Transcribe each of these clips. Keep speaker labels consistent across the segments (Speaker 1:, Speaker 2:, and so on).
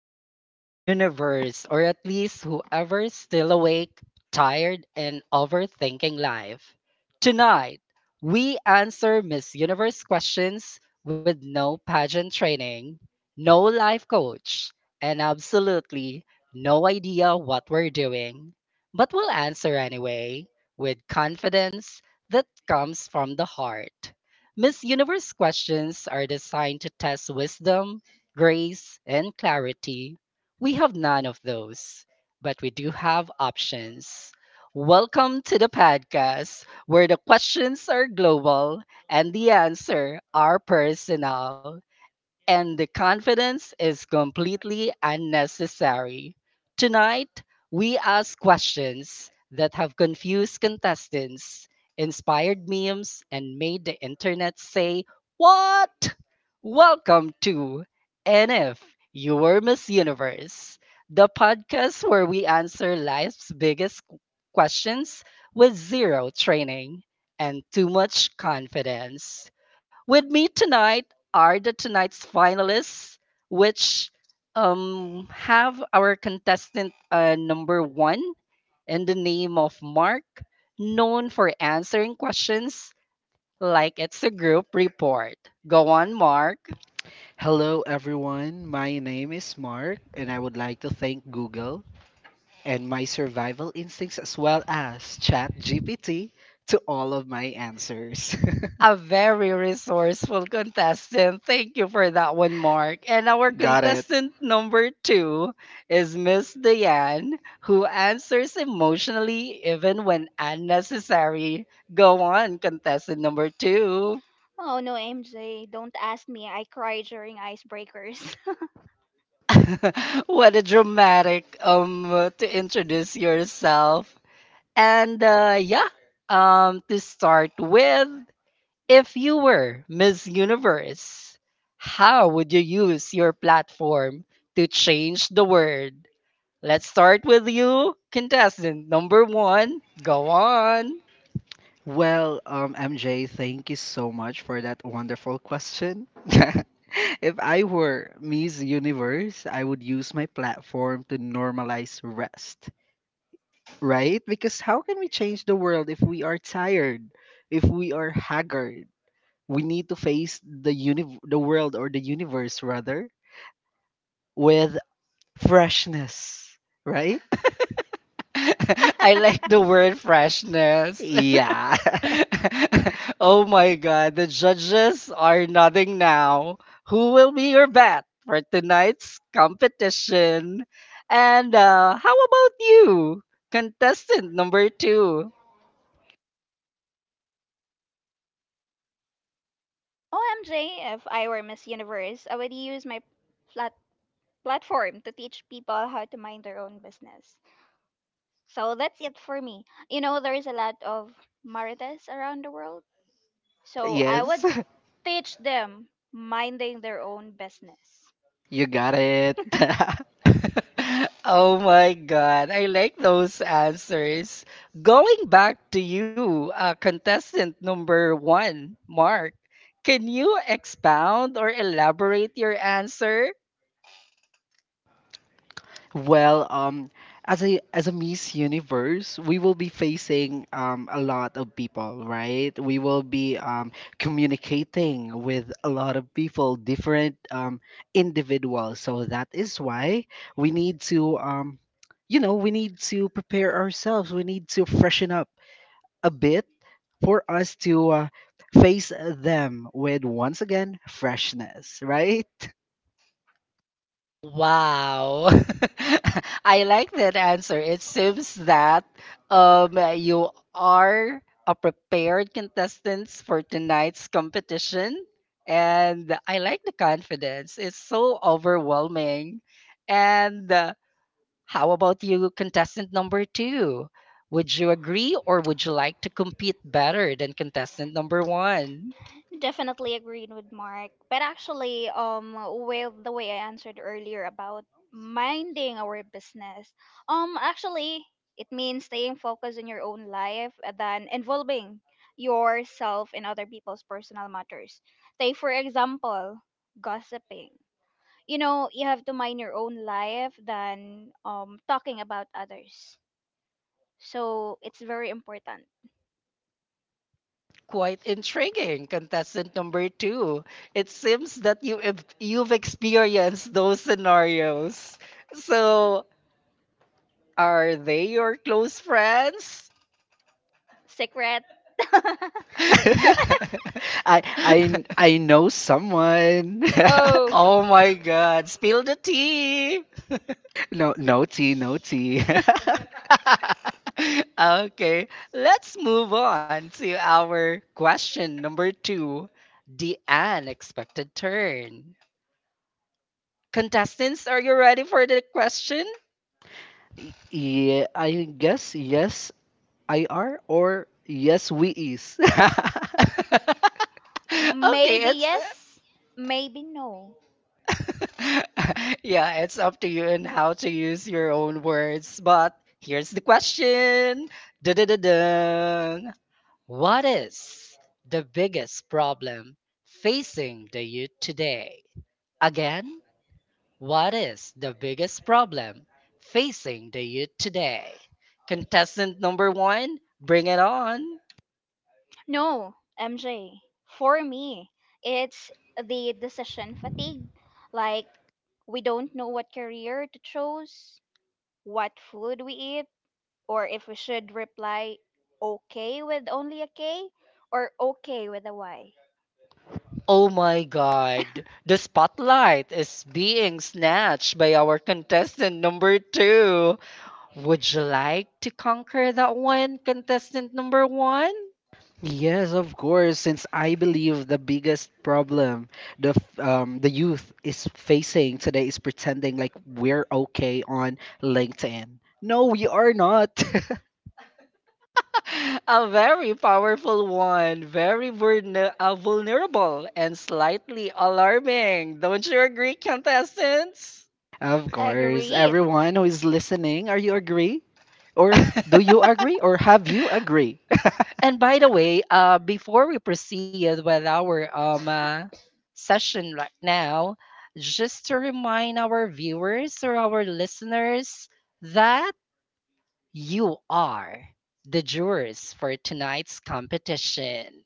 Speaker 1: Good evening, universe, or at least whoever's still awake, tired, and overthinking life. Tonight, we answer Miss Universe questions with no pageant training, no life coach, and absolutely no idea what we're doing. But we'll answer anyway with confidence that comes from the heart. Miss Universe questions are designed to test wisdom grace, and clarity. We have none of those, but we do have options. Welcome to the podcast where the questions are global and the answer are personal and the confidence is completely unnecessary. Tonight, we ask questions that have confused contestants, inspired memes, and made the internet say, what? Welcome to NF, Your Miss Universe, the podcast where we answer life's biggest questions with zero training and too much confidence. With me tonight, are the tonight's finalists, which have our contestant number one in the name of Mark, known for answering questions like it's a group report. Go on, Mark.
Speaker 2: Hello, everyone. My name is Mark, and I would like to thank Google and my survival instincts as well as ChatGPT to all of my answers.
Speaker 1: A very resourceful contestant. Thank you for that one, Mark. And our
Speaker 2: Got it.
Speaker 1: contestant number two is Miss Diane, who answers emotionally even when unnecessary. Go on, contestant number two.
Speaker 3: Oh no, MJ, don't ask me. I cry during icebreakers.
Speaker 1: What a dramatic to introduce yourself. And yeah, to start with. If you were Miss Universe, how would you use your platform to change the world? Let's start with you, contestant number one. Go on.
Speaker 2: MJ, thank you so much for that wonderful question. If I were Miss Universe, I would use my platform to normalize rest, right? Because how can we change the world if we are tired, if we are haggard? We need to face the the world or the universe rather with freshness, right?
Speaker 1: I like the word freshness.
Speaker 2: Yeah.
Speaker 1: Oh my God, the judges are nodding now. Who will be your bet for tonight's competition? And how about you, contestant number two?
Speaker 3: OMJ, if I were Miss Universe, I would use my flat platform to teach people how to mind their own business. So that's it for me. You know, there is a lot of Marites around the world. So I Yes. would
Speaker 2: Yes.
Speaker 3: teach them minding their own business.
Speaker 2: You got it.
Speaker 1: Oh my God, I like those answers. Going back to you, contestant number one, Mark, can you expound or elaborate your answer?
Speaker 2: Well, um, as a Miss Universe, we will be facing a lot of people, right? We will be communicating with a lot of people, different individuals. So that is why we need to, we need to prepare ourselves. We need to freshen up a bit for us to face them with once again freshness, right?
Speaker 1: Wow. I like that answer. It seems that you are a prepared contestants for tonight's competition. And I like the confidence. It's so overwhelming. And how about you, contestant number two? Would you agree or would you like to compete better than contestant number one?
Speaker 3: Definitely agreed with Mark. But actually, with the way I answered earlier about minding our business, actually, it means staying focused on your own life than involving yourself in other people's personal matters. Take, for example, gossiping. You know, you have to mind your own life than talking about others. So it's very important.
Speaker 1: Quite intriguing, contestant number two. It seems that you've experienced those scenarios. So, are they your close friends?
Speaker 3: Secret.
Speaker 2: I know someone.
Speaker 3: Oh.
Speaker 1: Oh my God, spill the tea!
Speaker 2: No no tea no tea.
Speaker 1: Okay, let's move on to our question number two, the unexpected turn. Contestants, are you ready for the question?
Speaker 2: Yeah, I guess yes I are or yes we is.
Speaker 1: Okay,
Speaker 3: Maybe
Speaker 1: it's.
Speaker 3: yes, maybe no.
Speaker 1: Yeah, it's up to you and how to use your own words. But here's the question. Da-da-da-dung. What is the biggest problem facing the youth today? Again, what is the biggest problem facing the youth today? Contestant number one, bring it on.
Speaker 3: No, MJ. For me, it's the decision fatigue. Like, we don't know what career to choose, what food we eat, or if we should reply okay with only a K or okay with a Y.
Speaker 1: Oh my God, the spotlight is being snatched by our contestant number two. Would you like to conquer that one, contestant number one?
Speaker 2: Yes, of course, since I believe the biggest problem the youth is facing today is pretending like we're okay on LinkedIn. No, we are not.
Speaker 1: A very powerful one, very vulnerable, and slightly alarming. Don't you agree, contestants?
Speaker 2: Of course,
Speaker 3: Agreed.
Speaker 2: everyone who is listening, are you agree? Or do you agree? Or have you agree?
Speaker 1: And by the way, before we proceed with our session right now, just to remind our viewers or our listeners that you are the jurors for tonight's competition.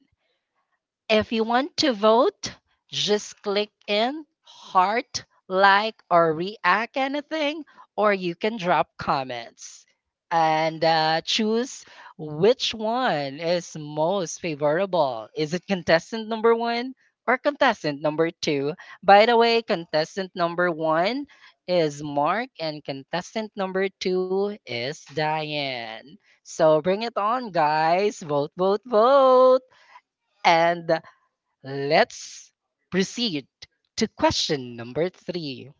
Speaker 1: If you want to vote, just click in heart, like, or react anything, or you can drop comments and choose which one is most favorable. Is it contestant number one or contestant number two? By the way, contestant number one is Mark, and contestant number two is Diane. So bring it on, guys. Vote, vote, vote. And let's proceed to question number three.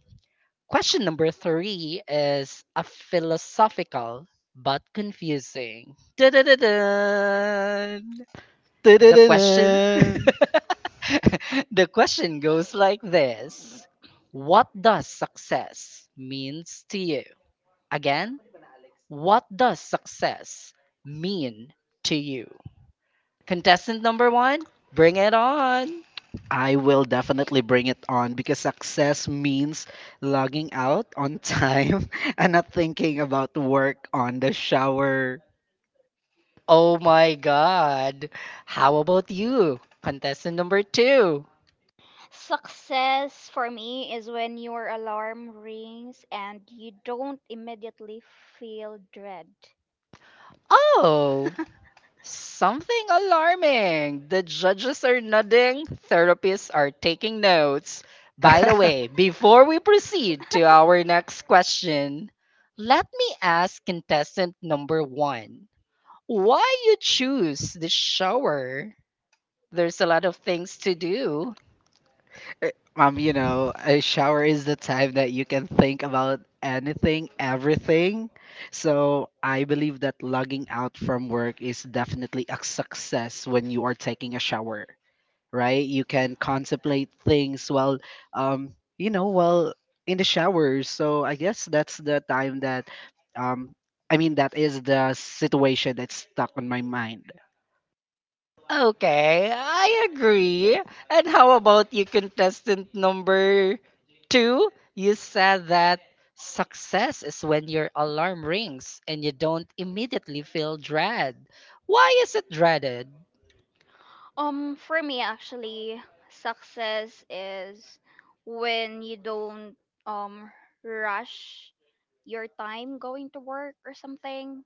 Speaker 1: Question number three is a philosophical but confusing. Dun-dun-dun-dun. The
Speaker 2: Ta-da-da-da.
Speaker 1: question, the question goes like this. What does success means to you? Again, what does success mean to you? Contestant number 1, bring it on.
Speaker 2: I will definitely bring it on because success means logging out on time and not thinking about work on the shower.
Speaker 1: Oh my God. How about you? Contestant number two.
Speaker 3: Success for me is when your alarm rings and you don't immediately feel dread.
Speaker 1: Oh, something alarming. The judges are nodding, therapists are taking notes. By the way, before we proceed to our next question, let me ask contestant number one, why you choose the shower? There's a lot of things to do.
Speaker 2: Eh, you know, a shower is the time that you can think about anything, everything. So I believe that logging out from work is definitely a success when you are taking a shower, right? You can contemplate things um, while in the shower. So I guess that's the time that, um, that is the situation that's stuck on my mind.
Speaker 1: Okay, I agree. And how about you, contestant number two? You said that success is when your alarm rings and you don't immediately feel dread. Why is it dreaded?
Speaker 3: For me, actually, success is when you don't um rush your time going to work or something.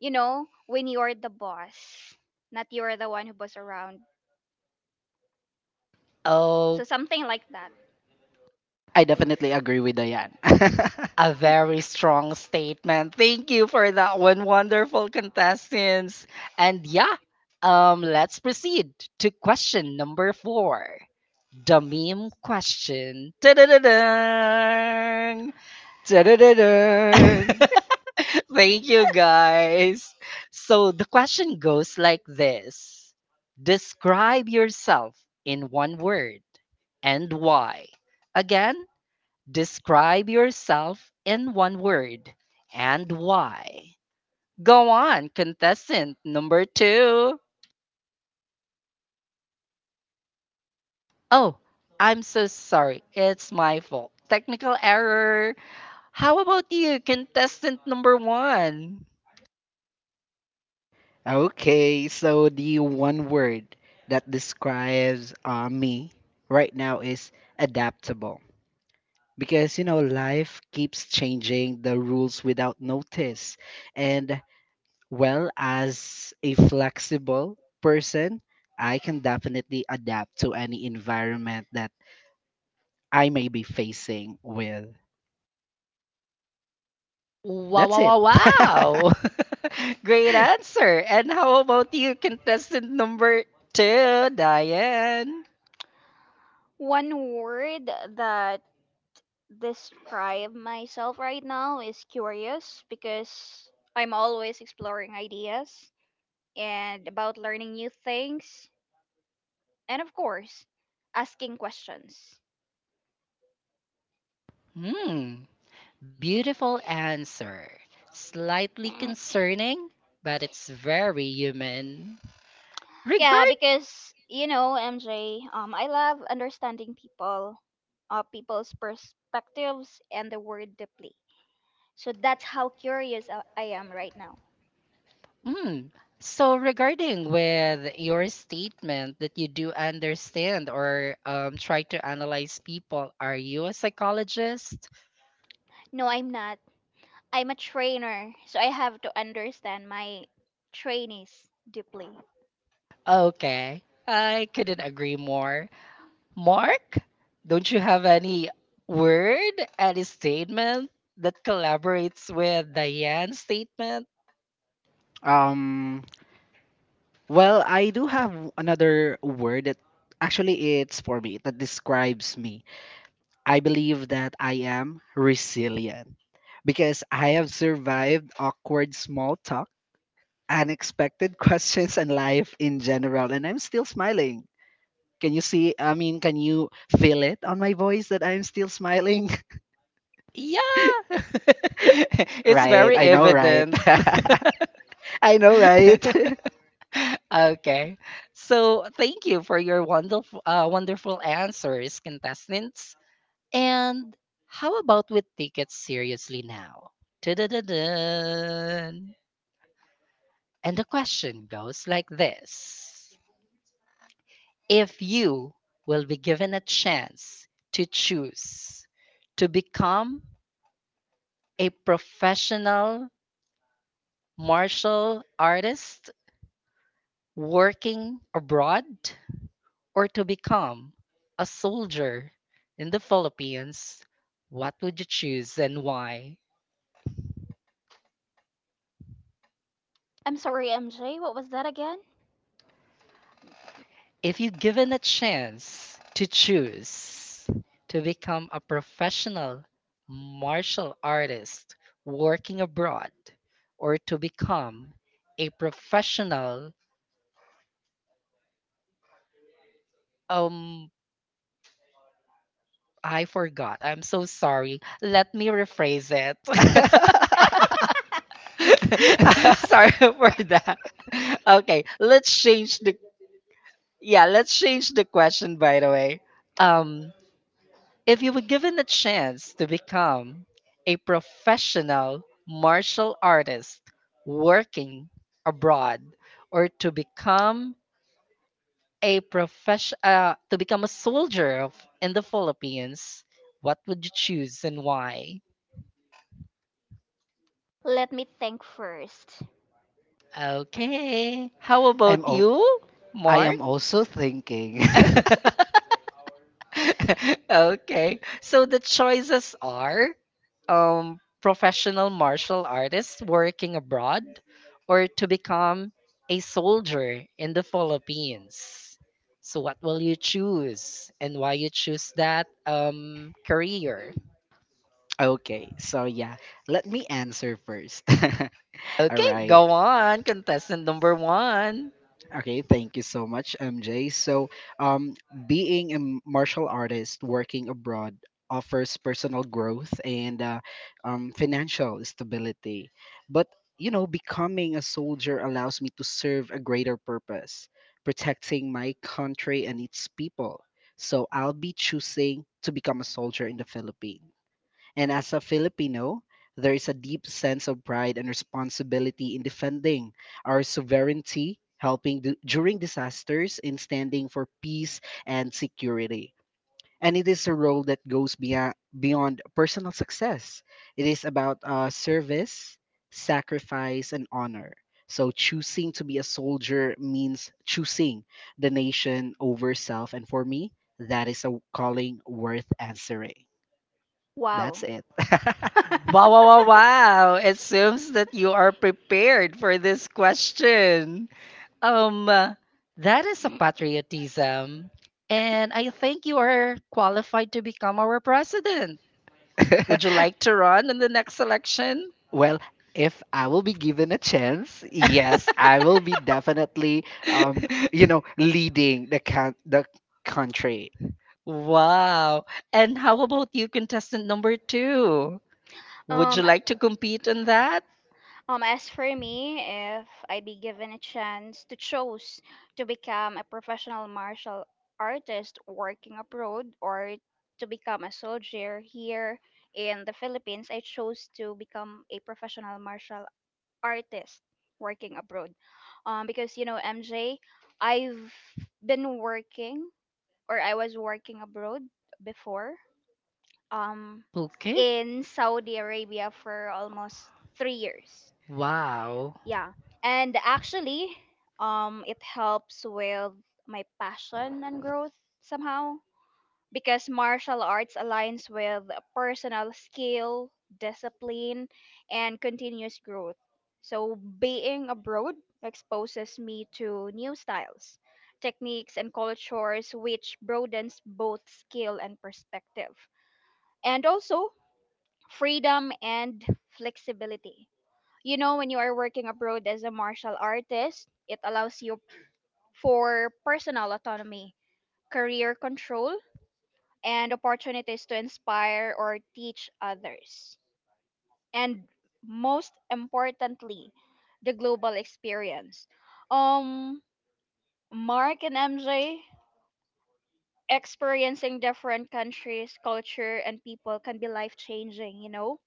Speaker 3: You know, when you're the boss, not you're the one who boss around. So
Speaker 1: Oh,
Speaker 3: something like that.
Speaker 2: I definitely agree with Diane.
Speaker 1: a very strong statement. Thank you for that one, wonderful contestants. And yeah, let's proceed to question number four, the meme question. Ta-da-da-dang!
Speaker 2: Ta-da-da-da!
Speaker 1: Thank you, guys. So the question goes like this. Describe yourself in one word and why. Again, describe yourself in one word and why. Go on, contestant number two. Oh, I'm so sorry. It's my fault. Technical error. How about you, contestant number one?
Speaker 2: Okay, so the one word that describes me right now is adaptable. Because, you know, life keeps changing the rules without notice. And, well, as a flexible person, I can definitely adapt to any environment that I may be facing with.
Speaker 1: Wow,
Speaker 2: That's
Speaker 1: wow,
Speaker 2: it.
Speaker 1: wow, wow. Great answer. And how about you, contestant number two, Diane?
Speaker 3: One word that describe myself right now is curious because I'm always exploring ideas and about learning new things and of course, asking questions.
Speaker 1: Hmm. Beautiful answer. Slightly concerning, but it's very human.
Speaker 3: Yeah,
Speaker 1: Regard.
Speaker 3: because you know, MJ, I love understanding people, people's perspectives and the word deeply. So that's how curious I am right now.
Speaker 1: Mm. So regarding with your statement that you do understand or try to analyze people, are you a psychologist?
Speaker 3: No, I'm not. I'm a trainer, so I have to understand my trainees deeply.
Speaker 1: Okay, I couldn't agree more. Mark, don't you have any word, any statement that collaborates with Diane's statement?
Speaker 2: um, Well, I do have another word that actually it's for me that describes me. I believe that I am resilient because I have survived awkward small talk, unexpected questions and life in general and I'm still smiling. Can you see? Can you feel it on my voice that I'm still smiling?
Speaker 1: Yeah, it's
Speaker 2: Right,
Speaker 1: very
Speaker 2: I know, right?
Speaker 1: evident.
Speaker 2: I know, right?
Speaker 1: Okay. So thank you for your wonderful answers, contestants. And how about we take it seriously now? Tudududun. And the question goes like this. If you will be given a chance to choose to become a professional martial artist working abroad or to become a soldier in the Philippines, what would you choose and why?
Speaker 3: I'm sorry, MJ. What was that again?
Speaker 1: If you given a chance to choose to become a professional martial artist working abroad or to become a professional um I forgot. I'm so sorry. Let me rephrase it. Sorry for that. Okay, let's change the yeah, let's change the question by the way. Um, if you were given a chance to become a professional martial artist working abroad or to become a soldier in the Philippines, what would you choose and why?
Speaker 3: Let me think first.
Speaker 1: Okay. How
Speaker 2: I'm
Speaker 1: about
Speaker 2: o-
Speaker 1: you,
Speaker 2: I
Speaker 1: Mark?
Speaker 2: am also thinking.
Speaker 1: Okay. So the choices are professional martial artist working abroad or to become a soldier in the Philippines. So what will you choose and why you choose that career?
Speaker 2: Okay, so yeah, let me answer first. All
Speaker 1: Okay,
Speaker 2: right.
Speaker 1: go on, contestant number one.
Speaker 2: Okay, thank you so much, MJ. Um, Being a martial artist working abroad offers personal growth and financial stability. But, you know, becoming a soldier allows me to serve a greater purpose, protecting my country and its people. So, I'll be choosing to become a soldier in the Philippines. And as a Filipino, there is a deep sense of pride and responsibility in defending our sovereignty, helping during disasters, in standing for peace and security. And it is a role that goes beyond personal success. It is about service, sacrifice, and honor. So choosing to be a soldier means choosing the nation over self. And for me, that is a calling worth answering. That's
Speaker 3: Wow.
Speaker 2: it.
Speaker 1: Wow, wow, wow, wow. It seems that you are prepared for this question. Um, uh, that is a patriotism, and I think you are qualified to become our president. Would you like to run in the next election?
Speaker 2: Well, if I will be given a chance, yes, I will be definitely, um, you know, leading the country.
Speaker 1: Wow. And how about you, contestant number two? Would you
Speaker 3: um
Speaker 1: like to compete in that?
Speaker 3: as for me, if I be given a chance to choose to become a professional martial artist working abroad or to become a soldier here in the Philippines, I chose to become a professional martial artist working abroad. Because you know, MJ, I've been working or I was working abroad before um
Speaker 1: Okay.
Speaker 3: in Saudi Arabia for almost 3 years.
Speaker 1: Wow.
Speaker 3: Yeah. And actually, it helps with my passion and growth somehow because martial arts aligns with personal skill, discipline, and continuous growth. So being abroad exposes me to new styles, techniques and cultures which broadens both skill and perspective. And also, freedom and flexibility. You know, when you are working abroad as a martial artist, it allows you for personal autonomy, career control, and opportunities to inspire or teach others. And most importantly, the global experience. Um, Mark and MJ, experiencing different countries, culture, and people can be life changing, you know?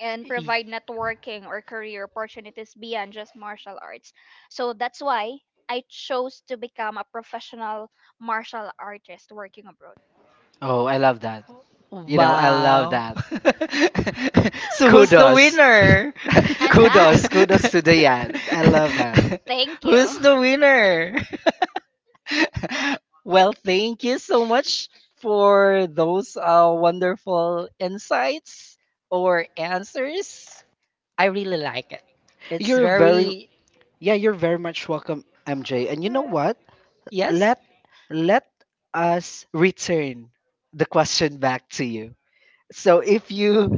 Speaker 3: And
Speaker 1: Y-
Speaker 3: provide networking or career opportunities beyond just martial arts. So that's why I chose to become a professional martial artist working abroad.
Speaker 2: Oh, I love that. You know, I love
Speaker 1: Wow.
Speaker 2: that.
Speaker 1: So who's the
Speaker 2: Kudos,
Speaker 1: winner?
Speaker 3: And I,
Speaker 2: kudos, kudos to the end. I love that.
Speaker 3: thank
Speaker 1: Who's
Speaker 3: you.
Speaker 1: the winner? Well, thank you so much for those wonderful insights or answers. I really like it. It's
Speaker 2: You're very,
Speaker 1: very,
Speaker 2: yeah, you're very much welcome, MJ. And you know what?
Speaker 1: yes.
Speaker 2: Let let us return the question back to you. So if you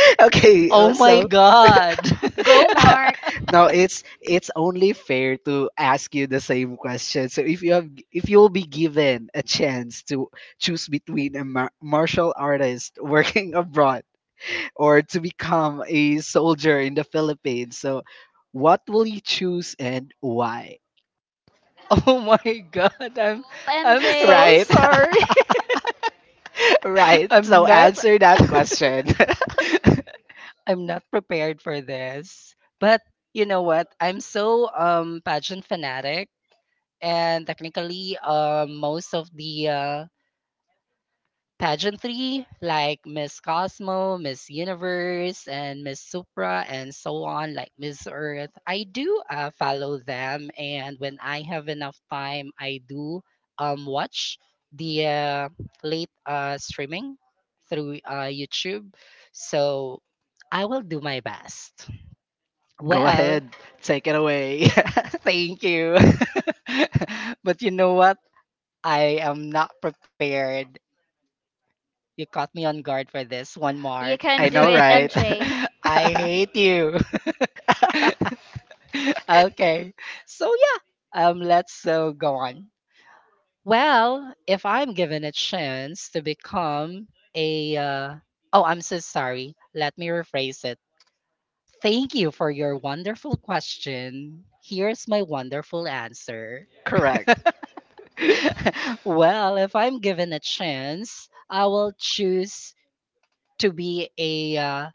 Speaker 2: okay,
Speaker 1: Oh my
Speaker 2: so
Speaker 1: God.
Speaker 3: Go, Mark.
Speaker 2: now it's only fair to ask you the same question. So if you will be given a chance to choose between a martial artist working abroad or to become a soldier in the Philippines, so what will you choose and why?
Speaker 1: Oh my God. I'm so
Speaker 3: MJ,
Speaker 2: Right.
Speaker 1: sorry.
Speaker 2: Right. So
Speaker 1: I'm not.
Speaker 2: answer that question.
Speaker 1: I'm not prepared for this. But you know what? I'm so pageant fanatic and technically most of the pageantry like Miss Cosmo, Miss Universe, and Miss Supra, and so on, like Miss Earth, I do follow them, and when I have enough time, I do watch the late streaming through YouTube. So I will do my best.
Speaker 2: Go
Speaker 1: Well,
Speaker 2: ahead. Take it away.
Speaker 1: thank you. But you know what, I am not prepared. You caught me on guard for this one,
Speaker 3: you
Speaker 1: Mark.
Speaker 3: can
Speaker 2: I
Speaker 3: do
Speaker 2: know
Speaker 3: it,
Speaker 2: right.
Speaker 3: MJ.
Speaker 1: I hate you. Okay. So yeah, let's go on. Well, if I'm given a chance to become a oh, I'm so sorry. Let me rephrase it. Thank you for your wonderful question. Here's my wonderful answer.
Speaker 2: Correct.
Speaker 1: Well, if I'm given a chance, I will choose to be a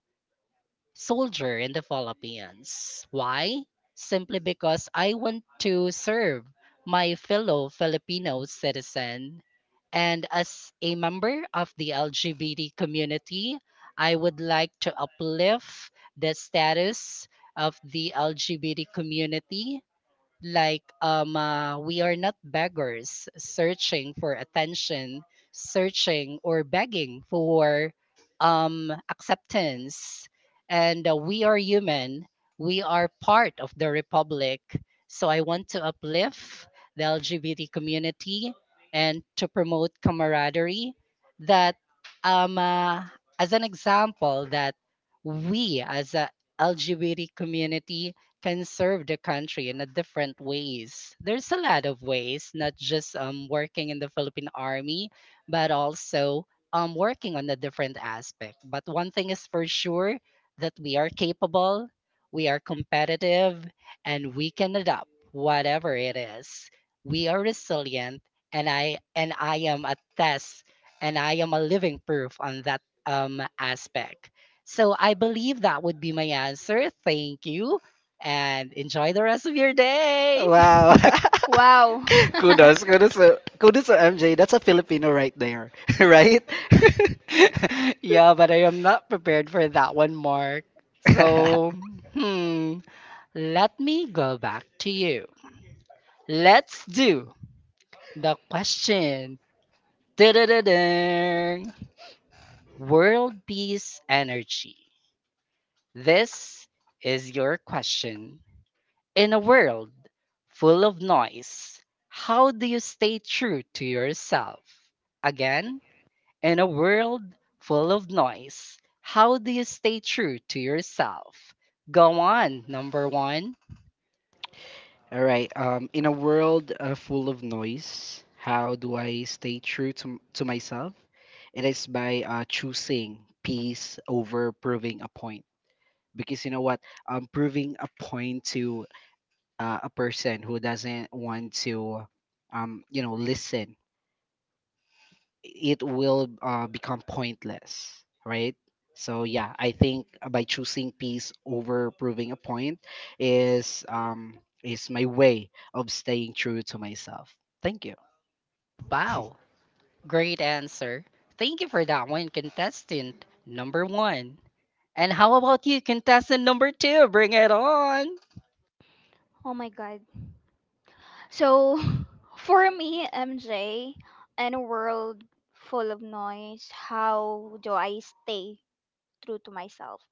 Speaker 1: soldier in the Philippines. Why? Simply because I want to serve my fellow Filipino citizen. And as a member of the LGBT community, I would like to uplift the status of the LGBT community, like we are not beggars searching for attention, searching or begging for acceptance, and we are human. We are part of the republic. So I want to uplift the LGBT community and to promote camaraderie, that um uh, as an example that we, as a LGBT community, can serve the country in a different ways. There's a lot of ways, not just working in the Philippine Army, but also working on a different aspect. But one thing is for sure, that we are capable, we are competitive, and we can adapt whatever it is. We are resilient, and I am a test, and I am a living proof on that aspect. So I believe that would be my answer. Thank you and enjoy the rest of your day.
Speaker 2: Wow.
Speaker 3: Wow.
Speaker 2: Kudos, kudos, kudos to MJ. That's a Filipino right there, right?
Speaker 1: Yeah, but I am not prepared for that one, Mark. So, hmm, let me go back to you. Let's do the question. Da-da-da-dang. World peace energy. This is your question. In a world full of noise, how do you stay true to yourself? Again, in a world full of noise, how do you stay true to yourself? Go on, number one.
Speaker 2: All right. In a world full of noise, how do I stay true to myself? It is by choosing peace over proving a point. Because you know what, proving a point to a person who doesn't want to, listen it will become pointless, right? So yeah, I think by choosing peace over proving a point is my way of staying true to myself. Thank you.
Speaker 1: Wow, great answer. Thank you for that one, contestant number one. And how about you, contestant number two? Bring it on.
Speaker 3: Oh my god. So, for me, MJ, in a world full of noise, how do I stay true to myself?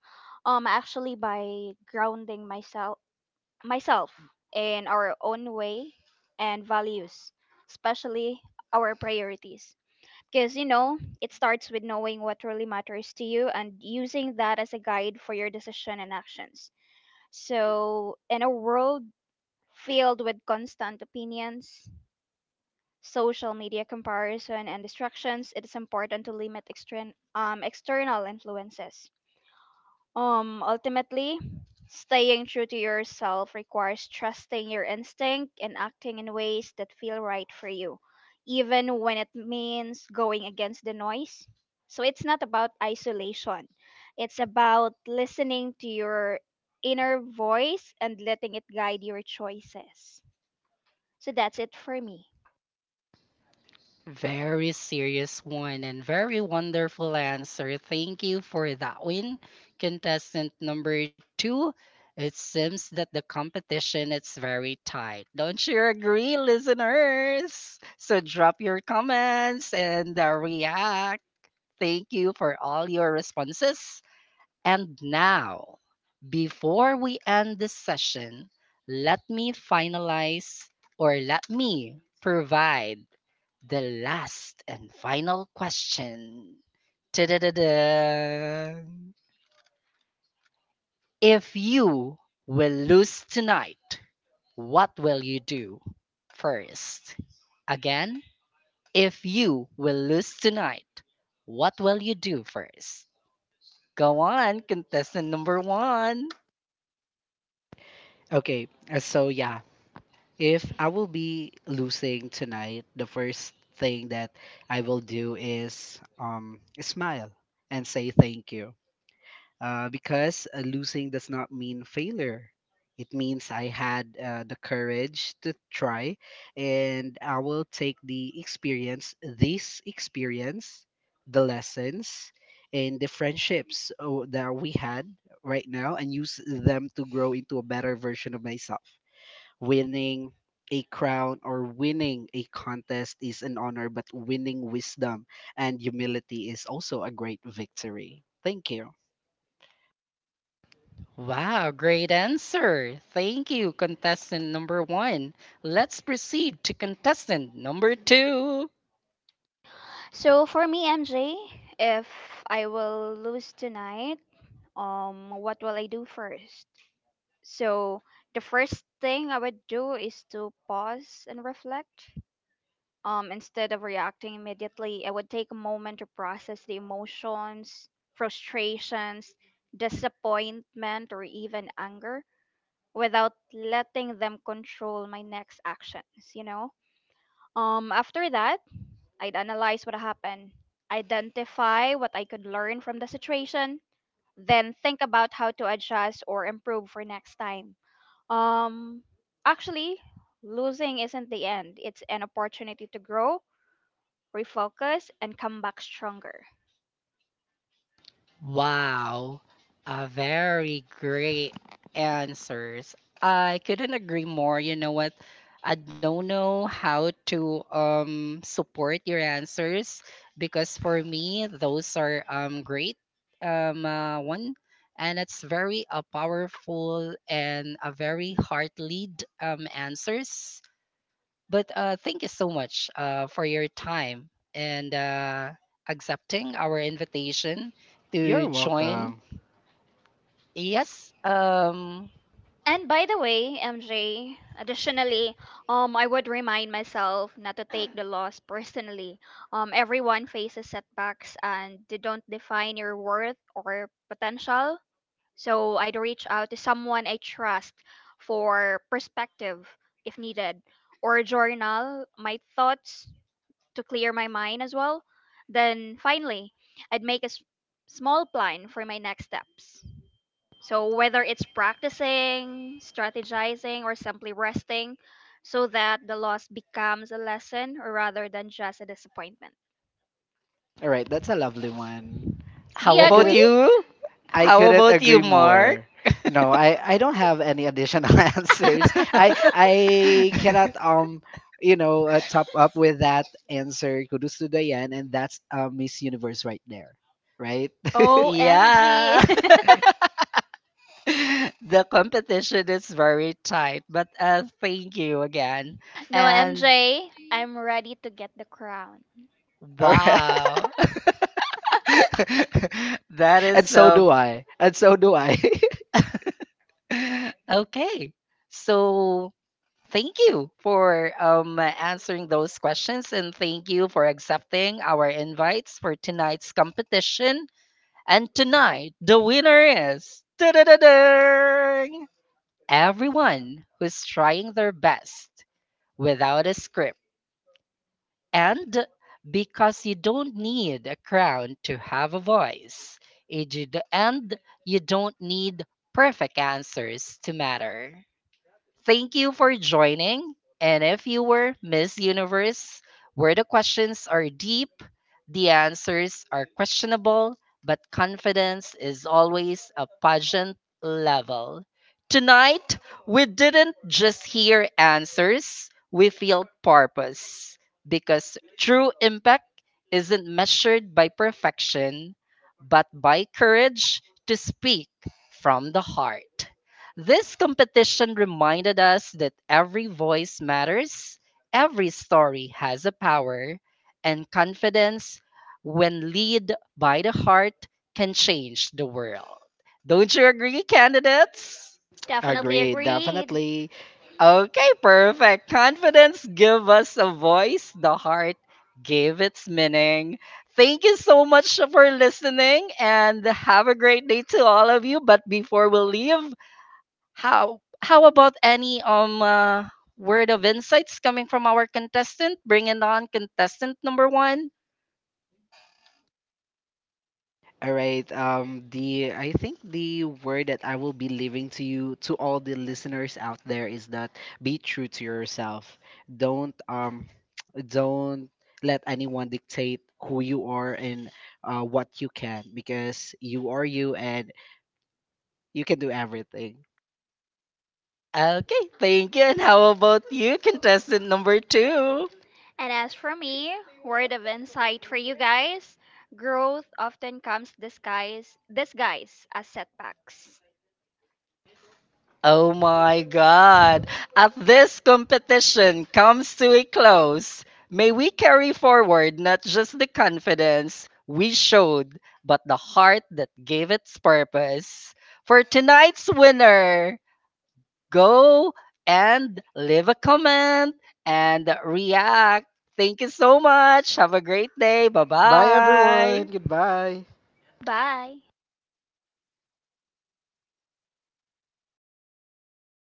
Speaker 3: Actually, by grounding myself in our own way and values, especially our priorities. Because you know, it starts with knowing what really matters to you and using that as a guide for your decision and actions. So, in a world filled with constant opinions, social media comparison and distractions, it is important to limit external influences. Ultimately, staying true to yourself requires trusting your instinct and acting in ways that feel right for you, even when it means going against the noise. So it's not about isolation. It's about listening to your inner voice and letting it guide your choices. So that's it for me.
Speaker 1: Very serious one and very wonderful answer. Thank you for that win. Contestant number two, it seems that the competition is very tight. Don't you agree, listeners? So drop your comments and react. Thank you for all your responses. And now, before we end this session, let me finalize or let me provide the last and final question. Ta-da-da-da. If you will lose tonight, what will you do first? Again, if you will lose tonight, what will you do first? Go on, contestant number one.
Speaker 2: Okay, so yeah, if I will be losing tonight, the first thing that I will do is smile and say thank you. Because losing does not mean failure. It means I had the courage to try, and I will take the experience, this experience, the lessons, and the friendships oh, that we had right now, and use them to grow into a better version of myself. Winning a crown or winning a contest is an honor, but winning wisdom and humility is also a great victory. Thank you.
Speaker 1: Wow, great answer. Thank you, contestant number one. Let's proceed to contestant number two.
Speaker 3: So for me, MJ, if I will lose tonight, what will I do first? So the first thing I would do is to pause and reflect. Instead of reacting immediately, I would take a moment to process the emotions, frustrations, disappointment, or even anger without letting them control my next actions, you know? After that, I'd analyze what happened, identify what I could learn from the situation, then think about how to adjust or improve for next time. Um, actually, losing isn't the end, it's an opportunity to grow, refocus, and come back stronger.
Speaker 1: Wow, a very great answers. I couldn't agree more. You know what? I don't know how to support your answers, because for me those are great, one, and it's very powerful and a very heart lead answers, but thank you so much for your time and accepting our invitation to
Speaker 2: You're
Speaker 1: join.
Speaker 2: welcome.
Speaker 1: Yes. Um,
Speaker 3: And by the way, MJ, additionally, I would remind myself not to take the loss personally. Everyone faces setbacks and they don't define your worth or potential. So I'd reach out to someone I trust for perspective if needed, or journal my thoughts to clear my mind as well. Then finally, I'd make a small plan for my next steps. So whether it's practicing, strategizing, or simply resting, so that the loss becomes a lesson rather than just a disappointment.
Speaker 2: All right, that's a lovely one.
Speaker 1: how
Speaker 2: I
Speaker 1: about
Speaker 2: couldn't
Speaker 1: you?
Speaker 2: I
Speaker 1: How
Speaker 2: couldn't
Speaker 1: about you,
Speaker 2: agree
Speaker 1: Mark?
Speaker 2: more. No, I don't have any additional answers. I I cannot you know top up with that answer. Kudos to Diane, and that's Miss Universe right there, right?
Speaker 3: OMG!
Speaker 1: Yeah. The competition is very tight, but thank you again.
Speaker 3: No,
Speaker 1: And
Speaker 3: MJ, I'm ready to get the crown.
Speaker 2: All right.
Speaker 1: wow. That is
Speaker 2: And so do
Speaker 1: so
Speaker 2: I. And so do I.
Speaker 1: okay. So thank you for answering those questions and thank you for accepting our invites for tonight's competition. And tonight, the winner is Da-da-da-dang! Everyone who's trying their best without a script. And because you don't need a crown to have a voice, and you don't need perfect answers to matter. Thank you for joining. And if you were Miss Universe, where the questions are deep, the answers are questionable, but confidence is always a pageant level. Tonight, we didn't just hear answers, we feel purpose. Because true impact isn't measured by perfection, but by courage to speak from the heart. This competition reminded us that every voice matters, every story has a power, and confidence, when led by the heart, can change the world. Don't you agree, candidates?
Speaker 3: Definitely
Speaker 2: Agreed,
Speaker 3: agreed.
Speaker 2: definitely.
Speaker 1: Okay, perfect. Confidence give us a voice, the heart gave its meaning. Thank you so much for listening and have a great day to all of you. But before we leave, how about any word of insights coming from our contestant? Bringing on contestant number one.
Speaker 2: All right. The I think the word that I will be leaving to you, to all the listeners out there, is that be true to yourself. Don't don't let anyone dictate who you are and what you can, because you are you and you can do everything.
Speaker 1: Okay, thank you. And how about you, contestant number two?
Speaker 3: And as for me, word of insight for you guys, growth often comes disguised as setbacks.
Speaker 1: Oh my God. As this competition comes to a close, may we carry forward not just the confidence we showed, but the heart that gave its purpose. For tonight's winner, go and leave a comment and react. Thank you so much. Have a great day. Bye
Speaker 2: Bye, everyone.
Speaker 1: bye.
Speaker 2: Goodbye.
Speaker 3: Bye.